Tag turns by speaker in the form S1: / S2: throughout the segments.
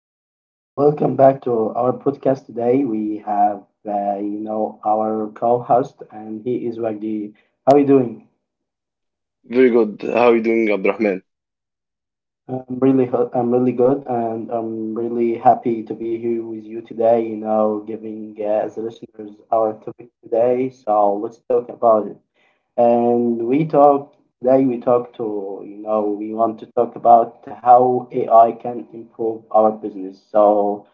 S1: welcome back to our podcast today. We have, our co-host, and he is Wagdi. How are you doing?
S2: Very good. How are you doing, Abdurrahman?
S1: I'm really good, and I'm really happy to be here with you today. You know, giving as listeners our topic today. So let's talk about it. And we talk today. We talk to, you know, we want to talk about how AI can improve our business. So.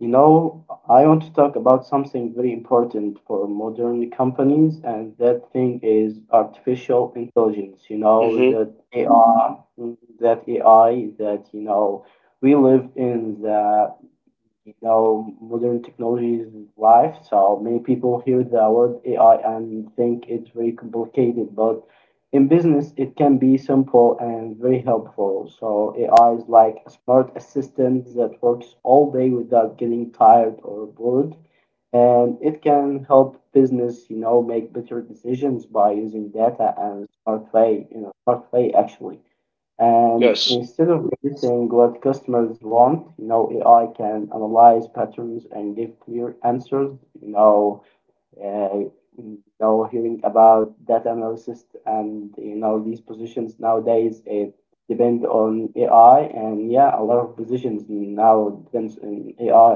S1: You know, I want to talk about something very important for modern companies, and that thing is artificial intelligence. You know,
S2: Mm-hmm.
S1: that AI, that AI, that, you know, we live in the you know, Modern technology is life. So many people hear the word AI and think it's very complicated, but in business, it can be simple and very helpful. So AI is like a smart assistant that works all day without getting tired or bored. And it can help business, you know, make better decisions by using data and smart way, actually. And
S2: Yes,
S1: instead of guessing what customers want, you know, AI can analyze patterns and give clear answers. You know, uh, know hearing about data analysis and you know these positions nowadays, it depend on AI, and yeah, a lot of positions now depends on AI,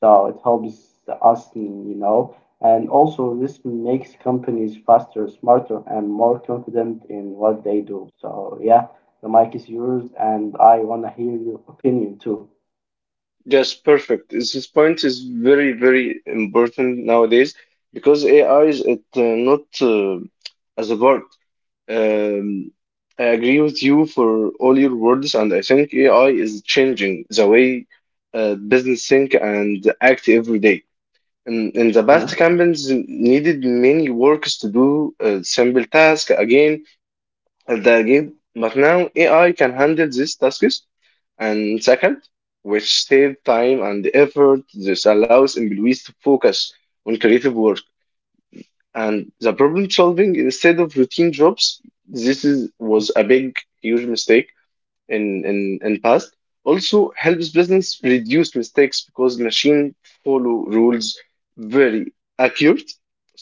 S1: so it helps us, you know, and also this makes companies faster, smarter, and more confident in what they do. So yeah, the mic is yours and I want to hear your opinion too.
S2: yes, perfect. This point is very, very important nowadays because AI is it not as a part. Um, I agree with you for all your words, and I think AI is changing the way business think and act every day. In the
S1: Mm,
S2: past, companies needed many workers to do simple tasks again. At the game. But now AI can handle these tasks and second, which save time and effort. This allows employees to focus on creative work and the problem solving instead of routine jobs. This was a big, huge mistake in in past. Also helps business reduce mistakes because machine follow rules very accurate.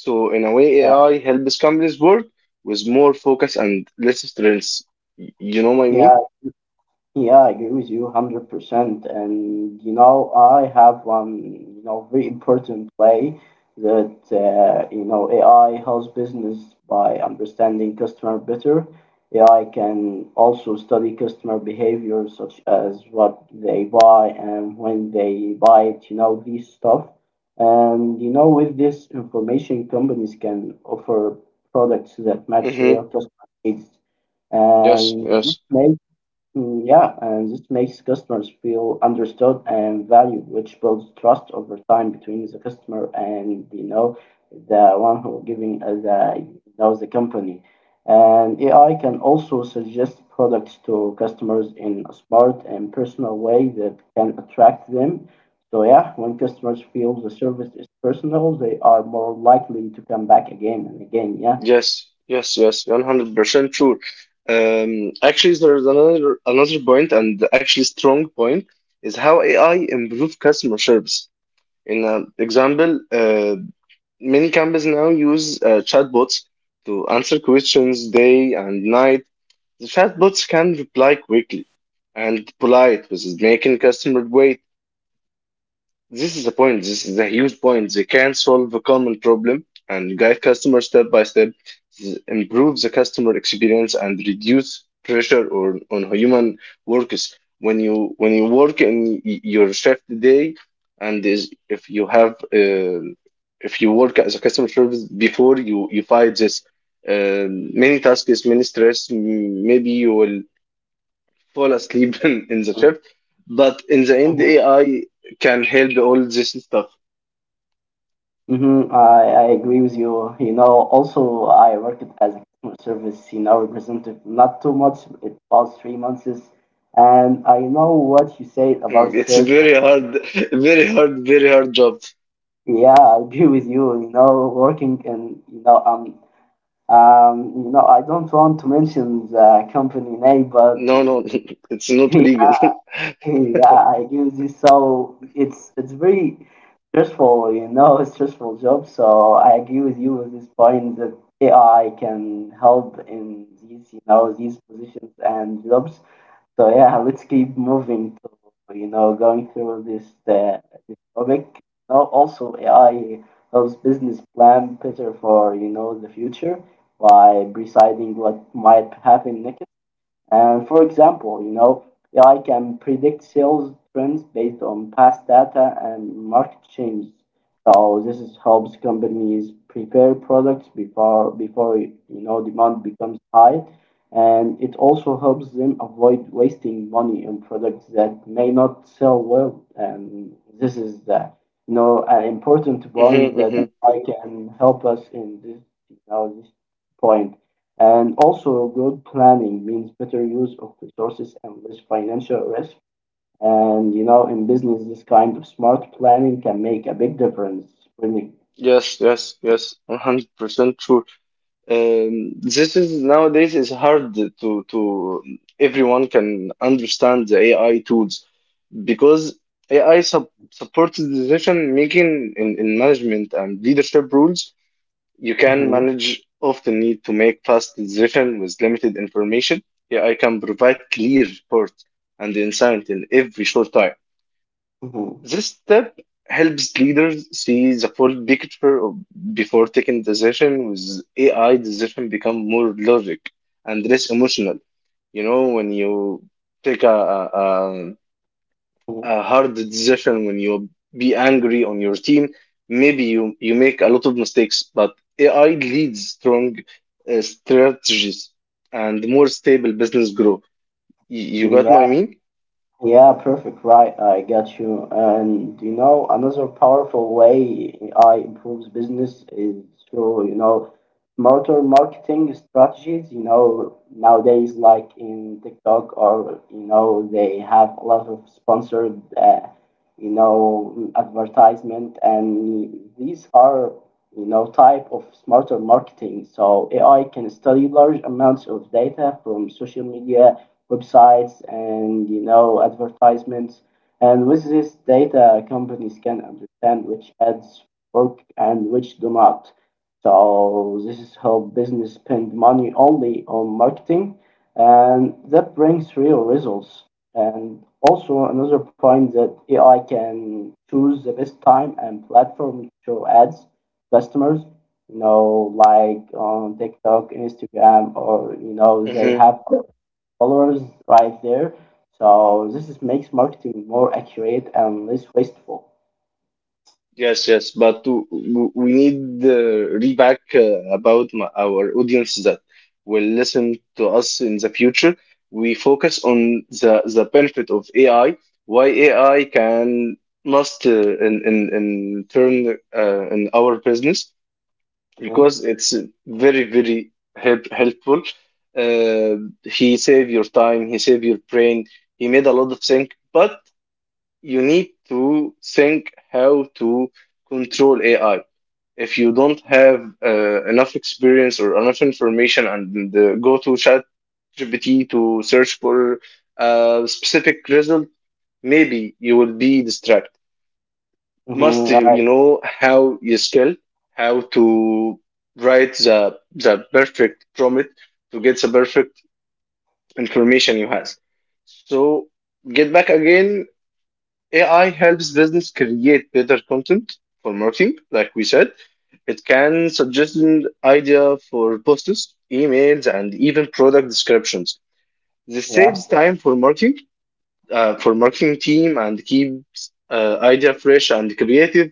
S2: So in a way,
S1: yeah,
S2: AI helps companies work with more focus and less stress. You know what I mean?
S1: yeah. Yeah, I agree with you 100%. And, you know, I have one, you know, very important way that, you know, AI helps business by understanding customer better. AI can also study customer behavior, such as what they buy and when they buy it, you know, these stuff. And, you know, with this information, companies can offer products that match real
S2: Mm-hmm.
S1: customer needs.
S2: yes
S1: And this,
S2: yes
S1: mm, yeah, and this makes customers feel understood and valued, which builds trust over time between the customer and you know, the one who giving the you know the company. And AI can also suggest products to customers in a smart and personal way that can attract them. So yeah, when customers feel the service is personal, they are more likely to come back again and again. Yeah.
S2: yes, 100% true. um Actually, there's another point, and actually strong point is how AI improve customer service. In an example Many companies now use chatbots to answer questions day and night. The chatbots can reply quickly and polite, which is making customers wait. This is the point. This is a huge point. They can solve a common problem and guide customers step by step, improve the customer experience, and reduce pressure or on human workers. When you work in your shift day, if you have uh, if you work as a customer service before, you fight this uh, many tasks, many stress. Maybe you will fall asleep in the shift. But in the end,
S1: Mhm.
S2: AI can help all this stuff.
S1: Mm-hmm. I agree with you. You know, also I worked as a customer service, you know, representative not too much. It was 3 months, and I know what you said about
S2: It's
S1: stress.
S2: very hard, very hard, very hard job.
S1: Yeah, I agree with you. You know, working and you know, I don't want to mention the company name, but
S2: No, no, it's not
S1: yeah,
S2: illegal.
S1: yeah, I use it. So it's very stressful, you know, it's stressful job. So I agree with you with this point that AI can help in these, you know, these positions and jobs. So yeah, let's keep moving to you know going through this this topic. Now also AI helps business plan better for you know the future by presiding what might happen next. For example, you know, AI can predict sales trends based on past data and market changes. So this is helps companies prepare products before you know demand becomes high, and it also helps them avoid wasting money on products that may not sell well. And this is you know an important point
S2: Mm-hmm,
S1: that
S2: mm-hmm.
S1: I can help us in this you know, this point. And also, good planning means better use of resources and less financial risk. And you know, in business, this kind of smart planning can make a big difference. Really.
S2: Yes, yes, yes. 100% true. This is nowadays is hard to everyone can understand the AI tools because AI supports decision making in management and leadership roles. You can
S1: Mm-hmm.
S2: manage of the need to make fast decisions with limited information. AI can provide clear reports and insight in every short time.
S1: Hmm.
S2: This step helps leaders see the full picture of, before taking decision. With AI, decision become more logic and less emotional. You know, when you take a, a hard decision when you be angry on your team. Maybe you make a lot of mistakes, but AI leads strong strategies and more stable business growth. You
S1: Hmm.
S2: got my mean?
S1: Yeah, perfect. Right, I got you. And you know, another powerful way AI improves business is through, you know, smarter marketing strategies. You know, nowadays, like in TikTok, or you know, they have a lot of sponsored, you know, advertisement, and these are, you know, type of smarter marketing. So AI can study large amounts of data from social media, websites, and you know advertisements. And with this data, companies can understand which ads work and which do not. So this is how business spend money only on marketing, and that brings real results. And also another point that AI can choose the best time and platform to show ads customers, you know, like on TikTok, Instagram, or you know, they
S2: Mm-hmm.
S1: have followers right there. So this is, makes marketing more accurate and less wasteful.
S2: Yes, yes, but to, we need feedback about our audience that will listen to us in the future. We focus on the benefit of AI, why AI can must in turn in our business because it's very, very helpful. Uh, he save your time, he save your brain, he made a lot of things, but you need to think how to control AI. If you don't have enough experience or enough information and go to chat GPT to search for a specific result, maybe you will be distracted. Must
S1: Mm-hmm. Right.
S2: you know how you skill, how to write the perfect prompt to get the perfect information you has. So get back again, AI helps business create better content for marketing, like we said. It can suggest an idea for posts, emails, and even product descriptions. This
S1: Yeah.
S2: saves time for marketing team, and keeps idea fresh and creative.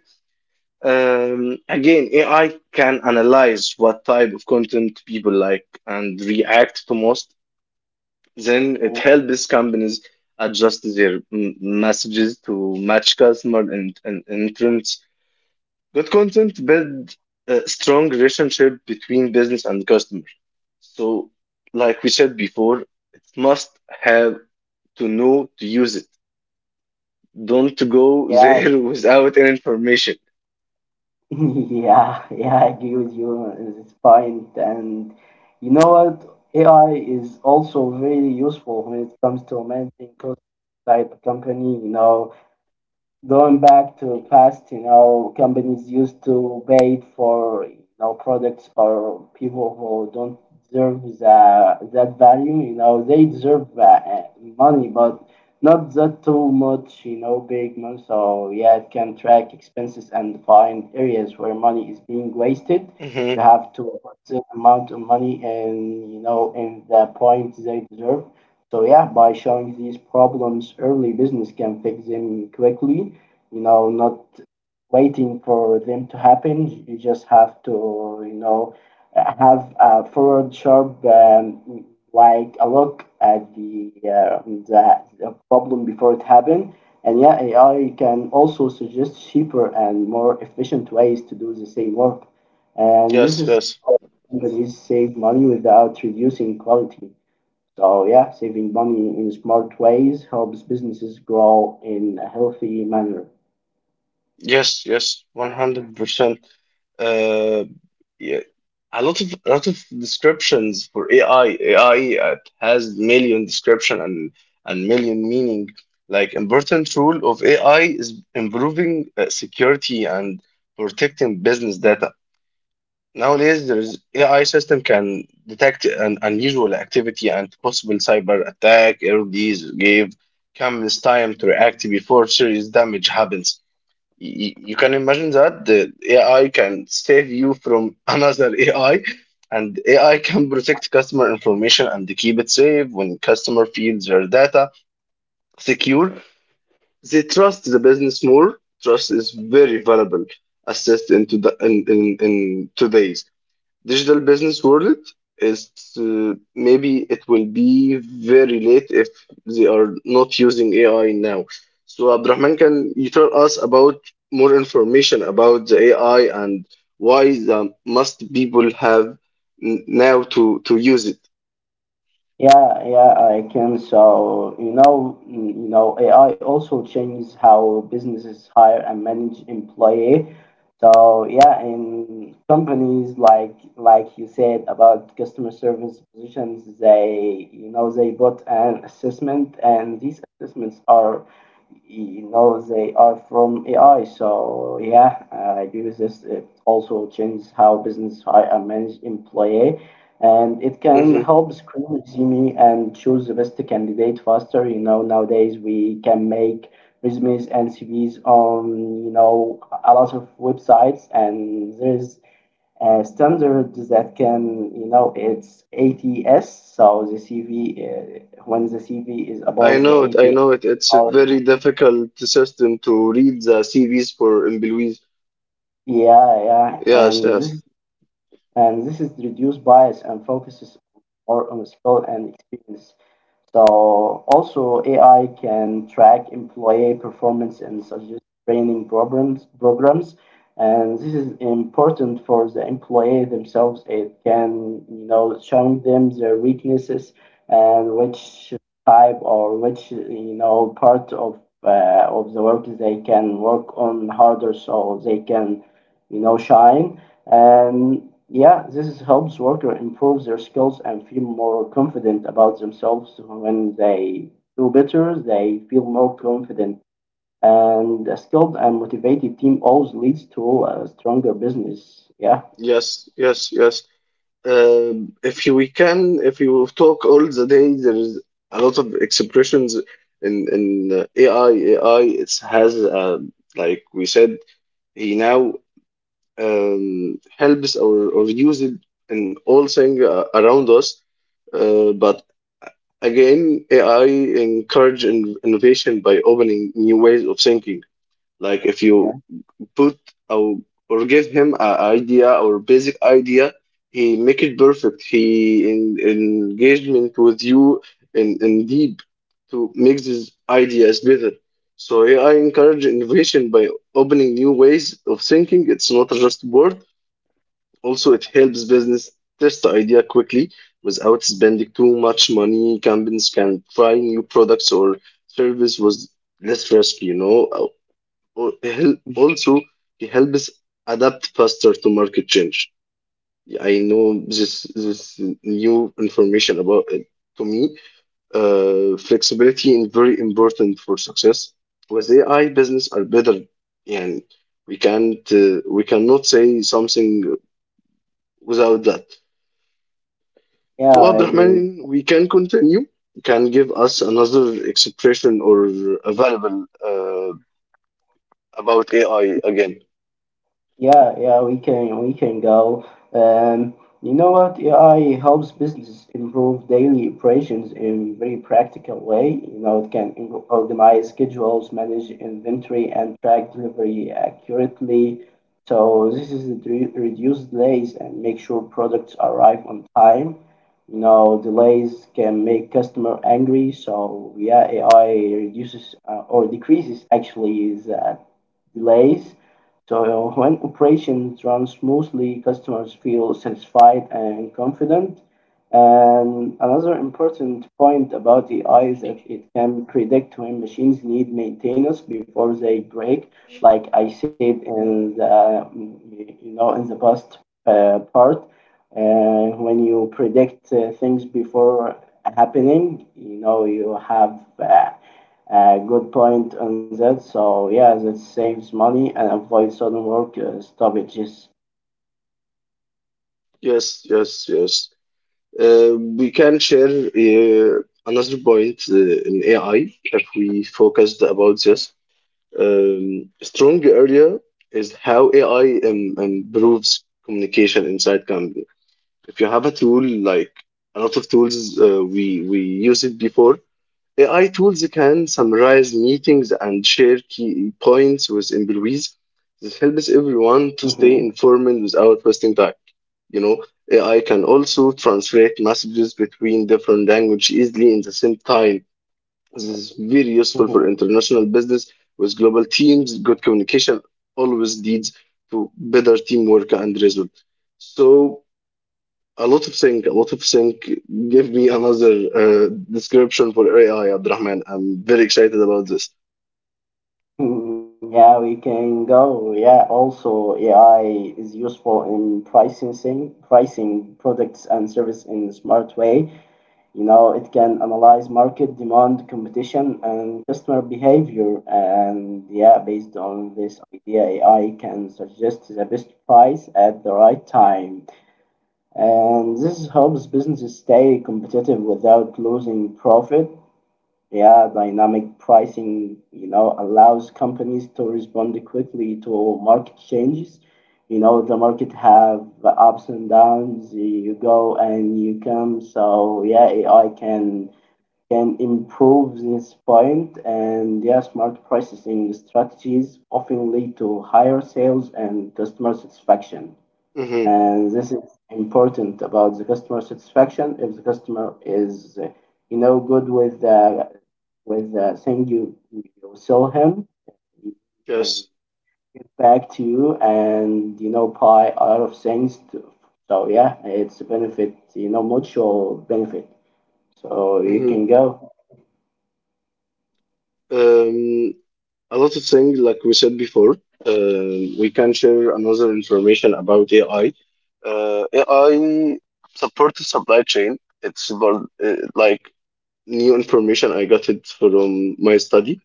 S2: Again, AI can analyze what type of content people like and react to most. Then it
S1: Mhm.
S2: helps companies adjust their messages to match customer and, entrants. Good content build a strong relationship between business and customer. So, like we said before, it must have to know to use it. Don't go
S1: Yeah.
S2: there without any information.
S1: Yeah. Yeah. I agree with you on this point. And you know what? AI is also very useful when it comes to managing costs inside a company. You know, going back to past, you know, companies used to wait for you know products or people who don't deserve the, that value. You know, they deserve money, but not that too much. You know, big money. So yeah, it can track expenses and find areas where money is being wasted. You
S2: Mm-hmm.
S1: have to put the amount of money and you know in the points they deserve. So yeah, by showing these problems early, business can fix them quickly, you know, not waiting for them to happen. You just have to you know have a forward sharp like a look at the, the problem before it happened. And yeah, AI can also suggest cheaper and more efficient ways to do the same work, and this
S2: Yes,
S1: is
S2: yes,
S1: how companies save money without reducing quality. So yeah, saving money in smart ways helps businesses grow in a healthy manner.
S2: yes, 100%. Uh, yeah, a lot of descriptions for AI. AI has million description and million meaning. Like important role of AI is improving security and protecting business data. Nowadays, there's AI system can detect an unusual activity and possible cyber attack. LDs give companies time to react before serious damage happens. You can imagine that the AI can save you from another AI, and AI can protect customer information and keep it safe. When customer feels their data secure, they trust the business more. Trust is very valuable assist into the in today's digital business world is maybe it will be very late if they are not using AI now. So Abdurrahman, can you tell us about more information about the AI and why the must people have now to use it?
S1: Yeah, yeah, I can. So, you know, mm, you know, AI also changes how businesses hire and manage employee. So, yeah, in companies like you said about customer service positions, they, you know, they bought an assessment, and these assessments are, you know, they are from AI. So, yeah, I agree with this. It also changes how business hire and manage employee, and it can
S2: Hmm.
S1: help screen see and choose the best candidate faster. You know, nowadays we can make resumes and CVs on you know a lot of websites, and there's a standard that can you know it's ATS, so the CV when the CV is
S2: I
S1: above the
S2: know it. I
S1: 80
S2: know it. It's a
S1: hour,
S2: very difficult system to read the CVs for employees.
S1: yeah, yeah,
S2: Yes, yes,
S1: and this is reduced bias and focuses more on skill and experience. So also AI can track employee performance and suggest training programs. And this is important for the employee themselves. It can, you know, showing them their weaknesses and which type or which, you know, part of the work they can work on harder so they can, you know, shine. And yeah, this helps workers improve their skills and feel more confident about themselves. When they do better, they feel more confident. And a skilled and motivated team always leads to a stronger business. Yeah,
S2: yes, yes, yes. If you we can, if you talk all the day, there is a lot of expressions in AI. AI it has like we said, he now helps or uses it in all things around us. But again, AI encourage in innovation by opening new ways of thinking. Like if
S1: yeah,
S2: you put or or give him a idea or basic idea, he make it perfect. He engagement with you in deep to make these ideas better. So yeah, I encourage innovation by opening new ways of thinking. It's not just word. Also it helps business test the idea quickly without spending too much money. Companies can try new products or service with less risk, you know. Also, he helps adapt faster to market change. Yeah, I know this this new information about it to me. Flexibility is very important for success. With AI, business are better, and we cannot say something without that.
S1: yeah,
S2: So,
S1: I agree.
S2: Abdurrahman, we can continue. Can give us another expression or a variable about AI again.
S1: Yeah, yeah, we can go. Um, you know what? AI helps business improve daily operations in a very practical way. You know, it can organize schedules, manage inventory, and track delivery accurately. So this is the reduce delays and make sure products arrive on time. You know, delays can make customer angry. So yeah, AI reduces or decreases actually the delays. So when operations run smoothly, customers feel satisfied and confident. And another important point about AI is that it can predict when machines need maintenance before they break. Like I said in the you know in the past part, when you predict things before happening, you know you have uh, good point on that. So yeah, that saves money and avoids sudden work stoppages.
S2: Yes, yes, yes. We can share another point in AI if we focused about this. Strong area is how AI improves communication inside company. If you have a tool like a lot of tools we used it before, AI tools can summarize meetings and share key points with employees. This helps everyone to stay
S1: Hmm.
S2: informed without wasting time. You know, AI can also translate messages between different languages easily in the same time. This is very useful for international business with global teams. Good communication always leads to better teamwork and results. So a lot of thing, a lot of thing. Give me another description for AI, Abdurrahman. I'm very excited about this.
S1: Hmm. Yeah, we can go. Yeah, also AI is useful in pricing thing, pricing products and service in a smart way. You know, it can analyze market demand, competition, and customer behavior. And yeah, based on this idea, AI can suggest the best price at the right time. And this helps businesses stay competitive without losing profit. Yeah, dynamic pricing, you know, allows companies to respond quickly to market changes. You know, the market have ups and downs. You go and you come. So yeah, AI can improve this point. And yeah, smart pricing strategies often lead to higher sales and customer satisfaction.
S2: hmm
S1: And this is important about the customer satisfaction. If the customer is you know good with the thing you sell him, he can
S2: Yes.
S1: get back to you and you know buy a lot of things to, so yeah it's a benefit, you know, mutual benefit, so you can
S2: hmm
S1: go.
S2: Um, a lot of things, like we said before, we can share another information about AI. AI supports supply chain. It's about, like new information I got it from my study.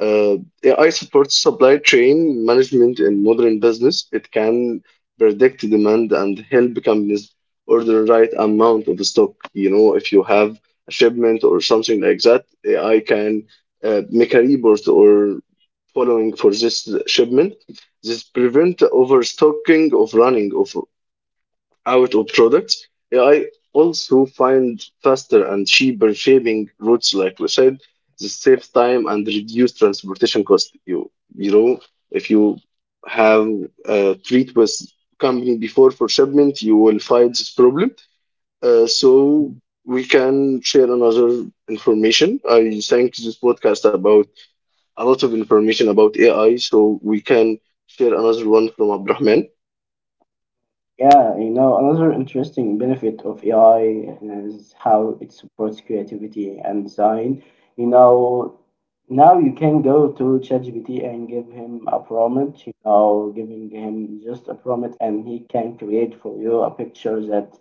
S2: Uh, AI supports supply chain management in modern business. It can predict demand and help companies order right amount of stock. You know, if you have a shipment or something like that, AI can make a report or following for this shipment. This prevent overstocking of running of out of products. AI also find faster and cheaper shipping routes, like we said. This saves time and reduce transportation cost. You know, if you have a treat with company before for shipment, you will find this problem. So we can share another information. I think this podcast about a lot of information about AI, so we can share another one from Abrahman.
S1: Yeah, you know, another interesting benefit of AI is how it supports creativity and design. You know, now you can go to ChatGPT and give him a prompt, giving him just a prompt and he can create for you a picture that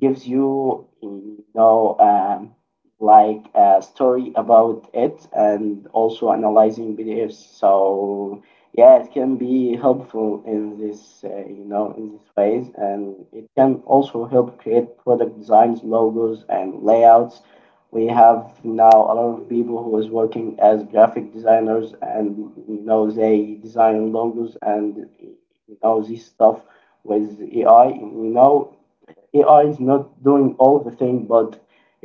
S1: gives you you know like a story about it and also analyzing PDFs. So yeah, it can be helpful in this, in this ways, and it can also help create product designs, logos, and layouts. We have now a lot of people who is working as graphic designers, and you know they design logos and you know this stuff with AI. You know AI is not doing all the thing, but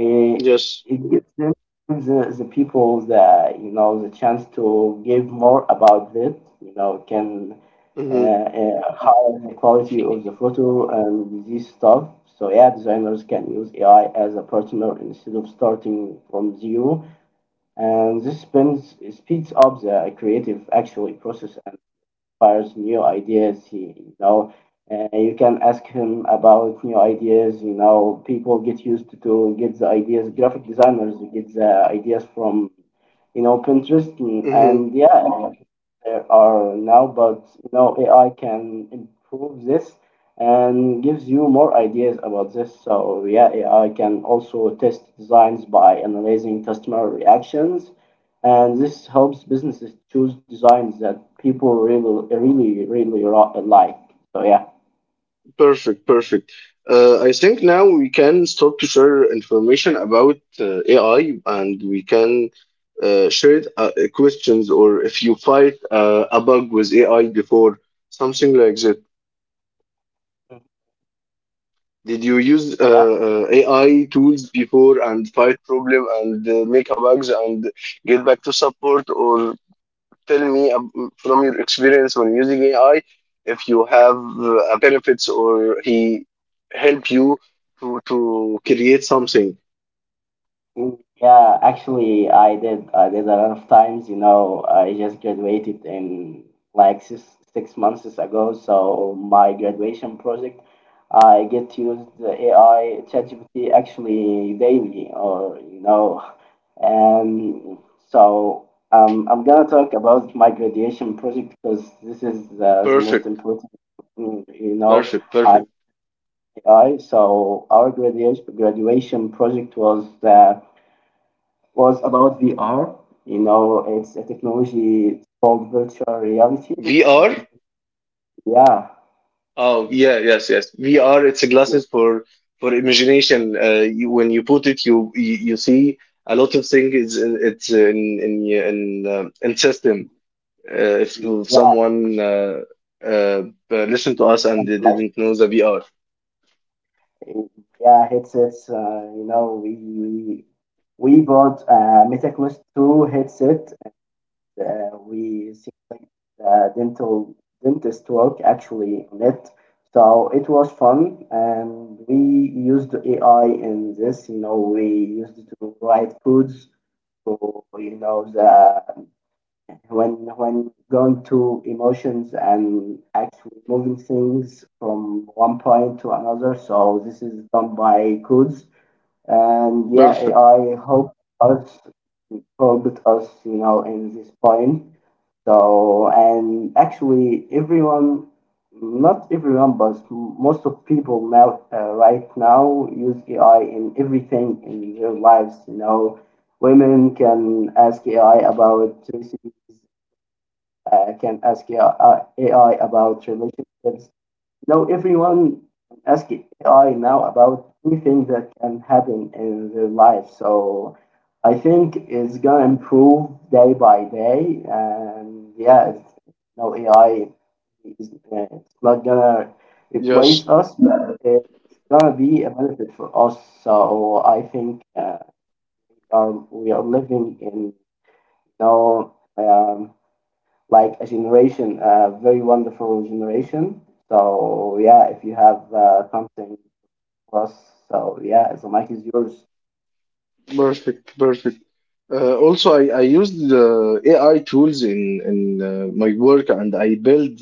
S1: uh,
S2: Yes.
S1: it gives them gives the people the the chance to give more about it. You know, can
S2: Mm-hmm.
S1: higher the quality of the photo and this stuff. So yeah, designers can use AI as a partner instead of starting from zero, and this speeds up the creative actually process inspires new ideas. You can ask him about new ideas. You know, people get used to get the ideas. Graphic designers get the ideas from you know Pinterest, and,
S2: Mm-hmm.
S1: and yeah, there are now, but you know, AI can improve this and gives you more ideas about this. So yeah, AI can also test designs by analyzing customer reactions, and this helps businesses choose designs that people really, really, really like. So yeah.
S2: Perfect, perfect. I think now we can start to share information about AI, and we can share questions, or if you fight a bug with AI before, something like that. Did you use AI tools before and fight problem and make a bugs and get back to support? Or tell me from your experience when using AI if you have benefits or he help you to create something.
S1: Mm. Yeah, actually, I did. I did a lot of times. You know, I just graduated in like 6 months ago. So my graduation project, I get to use the AI ChatGPT actually daily, or um. So I'm gonna talk about my graduation project because this is the most
S2: Perfect,
S1: important. Mm. You know,
S2: perfect,
S1: I,
S2: perfect.
S1: I so our graduation project was. Was about VR. You know, it's a technology called virtual reality. We use
S2: VR.
S1: yeah.
S2: Oh yeah, yes, yes. VR. It's a
S1: You know,
S2: glasses for imagination. You, when you put it, you see a lot of things. It's in in system. If
S1: VR
S2: someone uh, listen to us and
S1: and
S2: they
S1: flash,
S2: didn't know the VR.
S1: VR headsets. You know, we bought a MetaQuest 2 headset. We see like the dental dentist work actually on it. So it was fun, and we used AI in this. You know, we used it to write codes to you know the when when going to emotions and actually moving things from one point to another. So this is done by codes, and yeah,
S2: Perfect.
S1: AI helped us, you know, in this point. So and actually, not everyone, but most of people now right now use AI in everything in their lives. You know, women can ask AI about recipes, can ask AI about relationships. You know, everyone can ask AI now about anything that can happen in their life. So I think it's gonna improve day by day, and yeah, it's, you know, AI is it's not gonna replace
S2: Yes.
S1: us, but it's gonna be a benefit for us. So I think we are living in know. Um, like a generation, a very wonderful generation. So yeah, if you have something plus, so yeah, so mic is yours.
S2: Perfect, perfect. Also, I used the AI tools in my work, and I built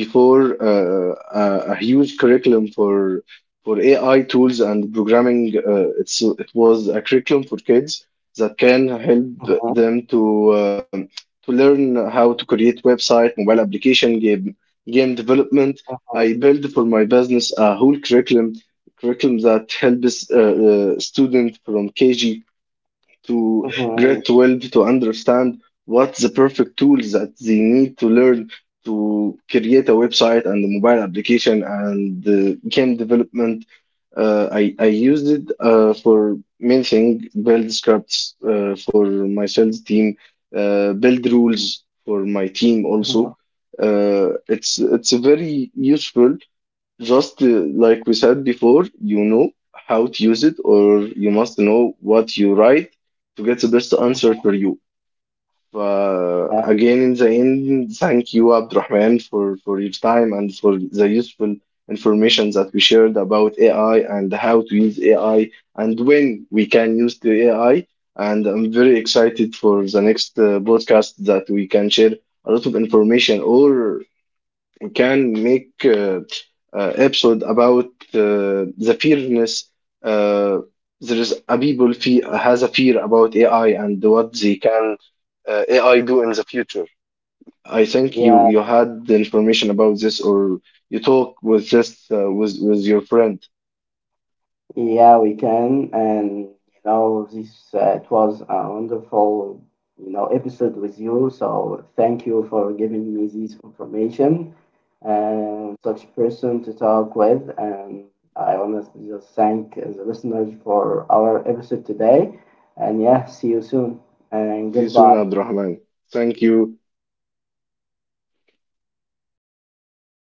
S2: before a huge curriculum for AI tools and programming. It's it was a curriculum for kids that can help
S1: Mhm,
S2: them to learn how to create website, mobile application, game development. I
S1: mhm,
S2: built for my business a whole curriculum that helps students from KG to
S1: mhm,
S2: grade 12 to understand what the perfect tools that they need to learn to create a website and a mobile application and game development. I used it for many things, build scripts for my sales team, build rules for my team also.
S1: mhm,
S2: It's very useful just like we said before, you know how to use it, or you must know what you write to get the best answer
S1: mhm.
S2: for you.
S1: Yeah,
S2: Again, in the end, thank you, Abdurrahman, for your time and for the useful information that we shared about AI and how to use AI and when we can use the AI. And I'm very excited for the next podcast that we can share a lot of information, or you can make episode about the fearness. Uh, there is a people fe has a fear about AI and what they can AI do in the future. I think
S1: yeah.
S2: you had the information about this or you talk with this with your friend.
S1: Yeah, we can. And you know, this it was a wonderful you know episode with you. So thank you for giving me this information and such person to talk with. And I want to just thank the listeners for our episode today. And yeah, see you soon and
S2: See you soon,
S1: goodbye.
S2: Abdurrahman. Thank you.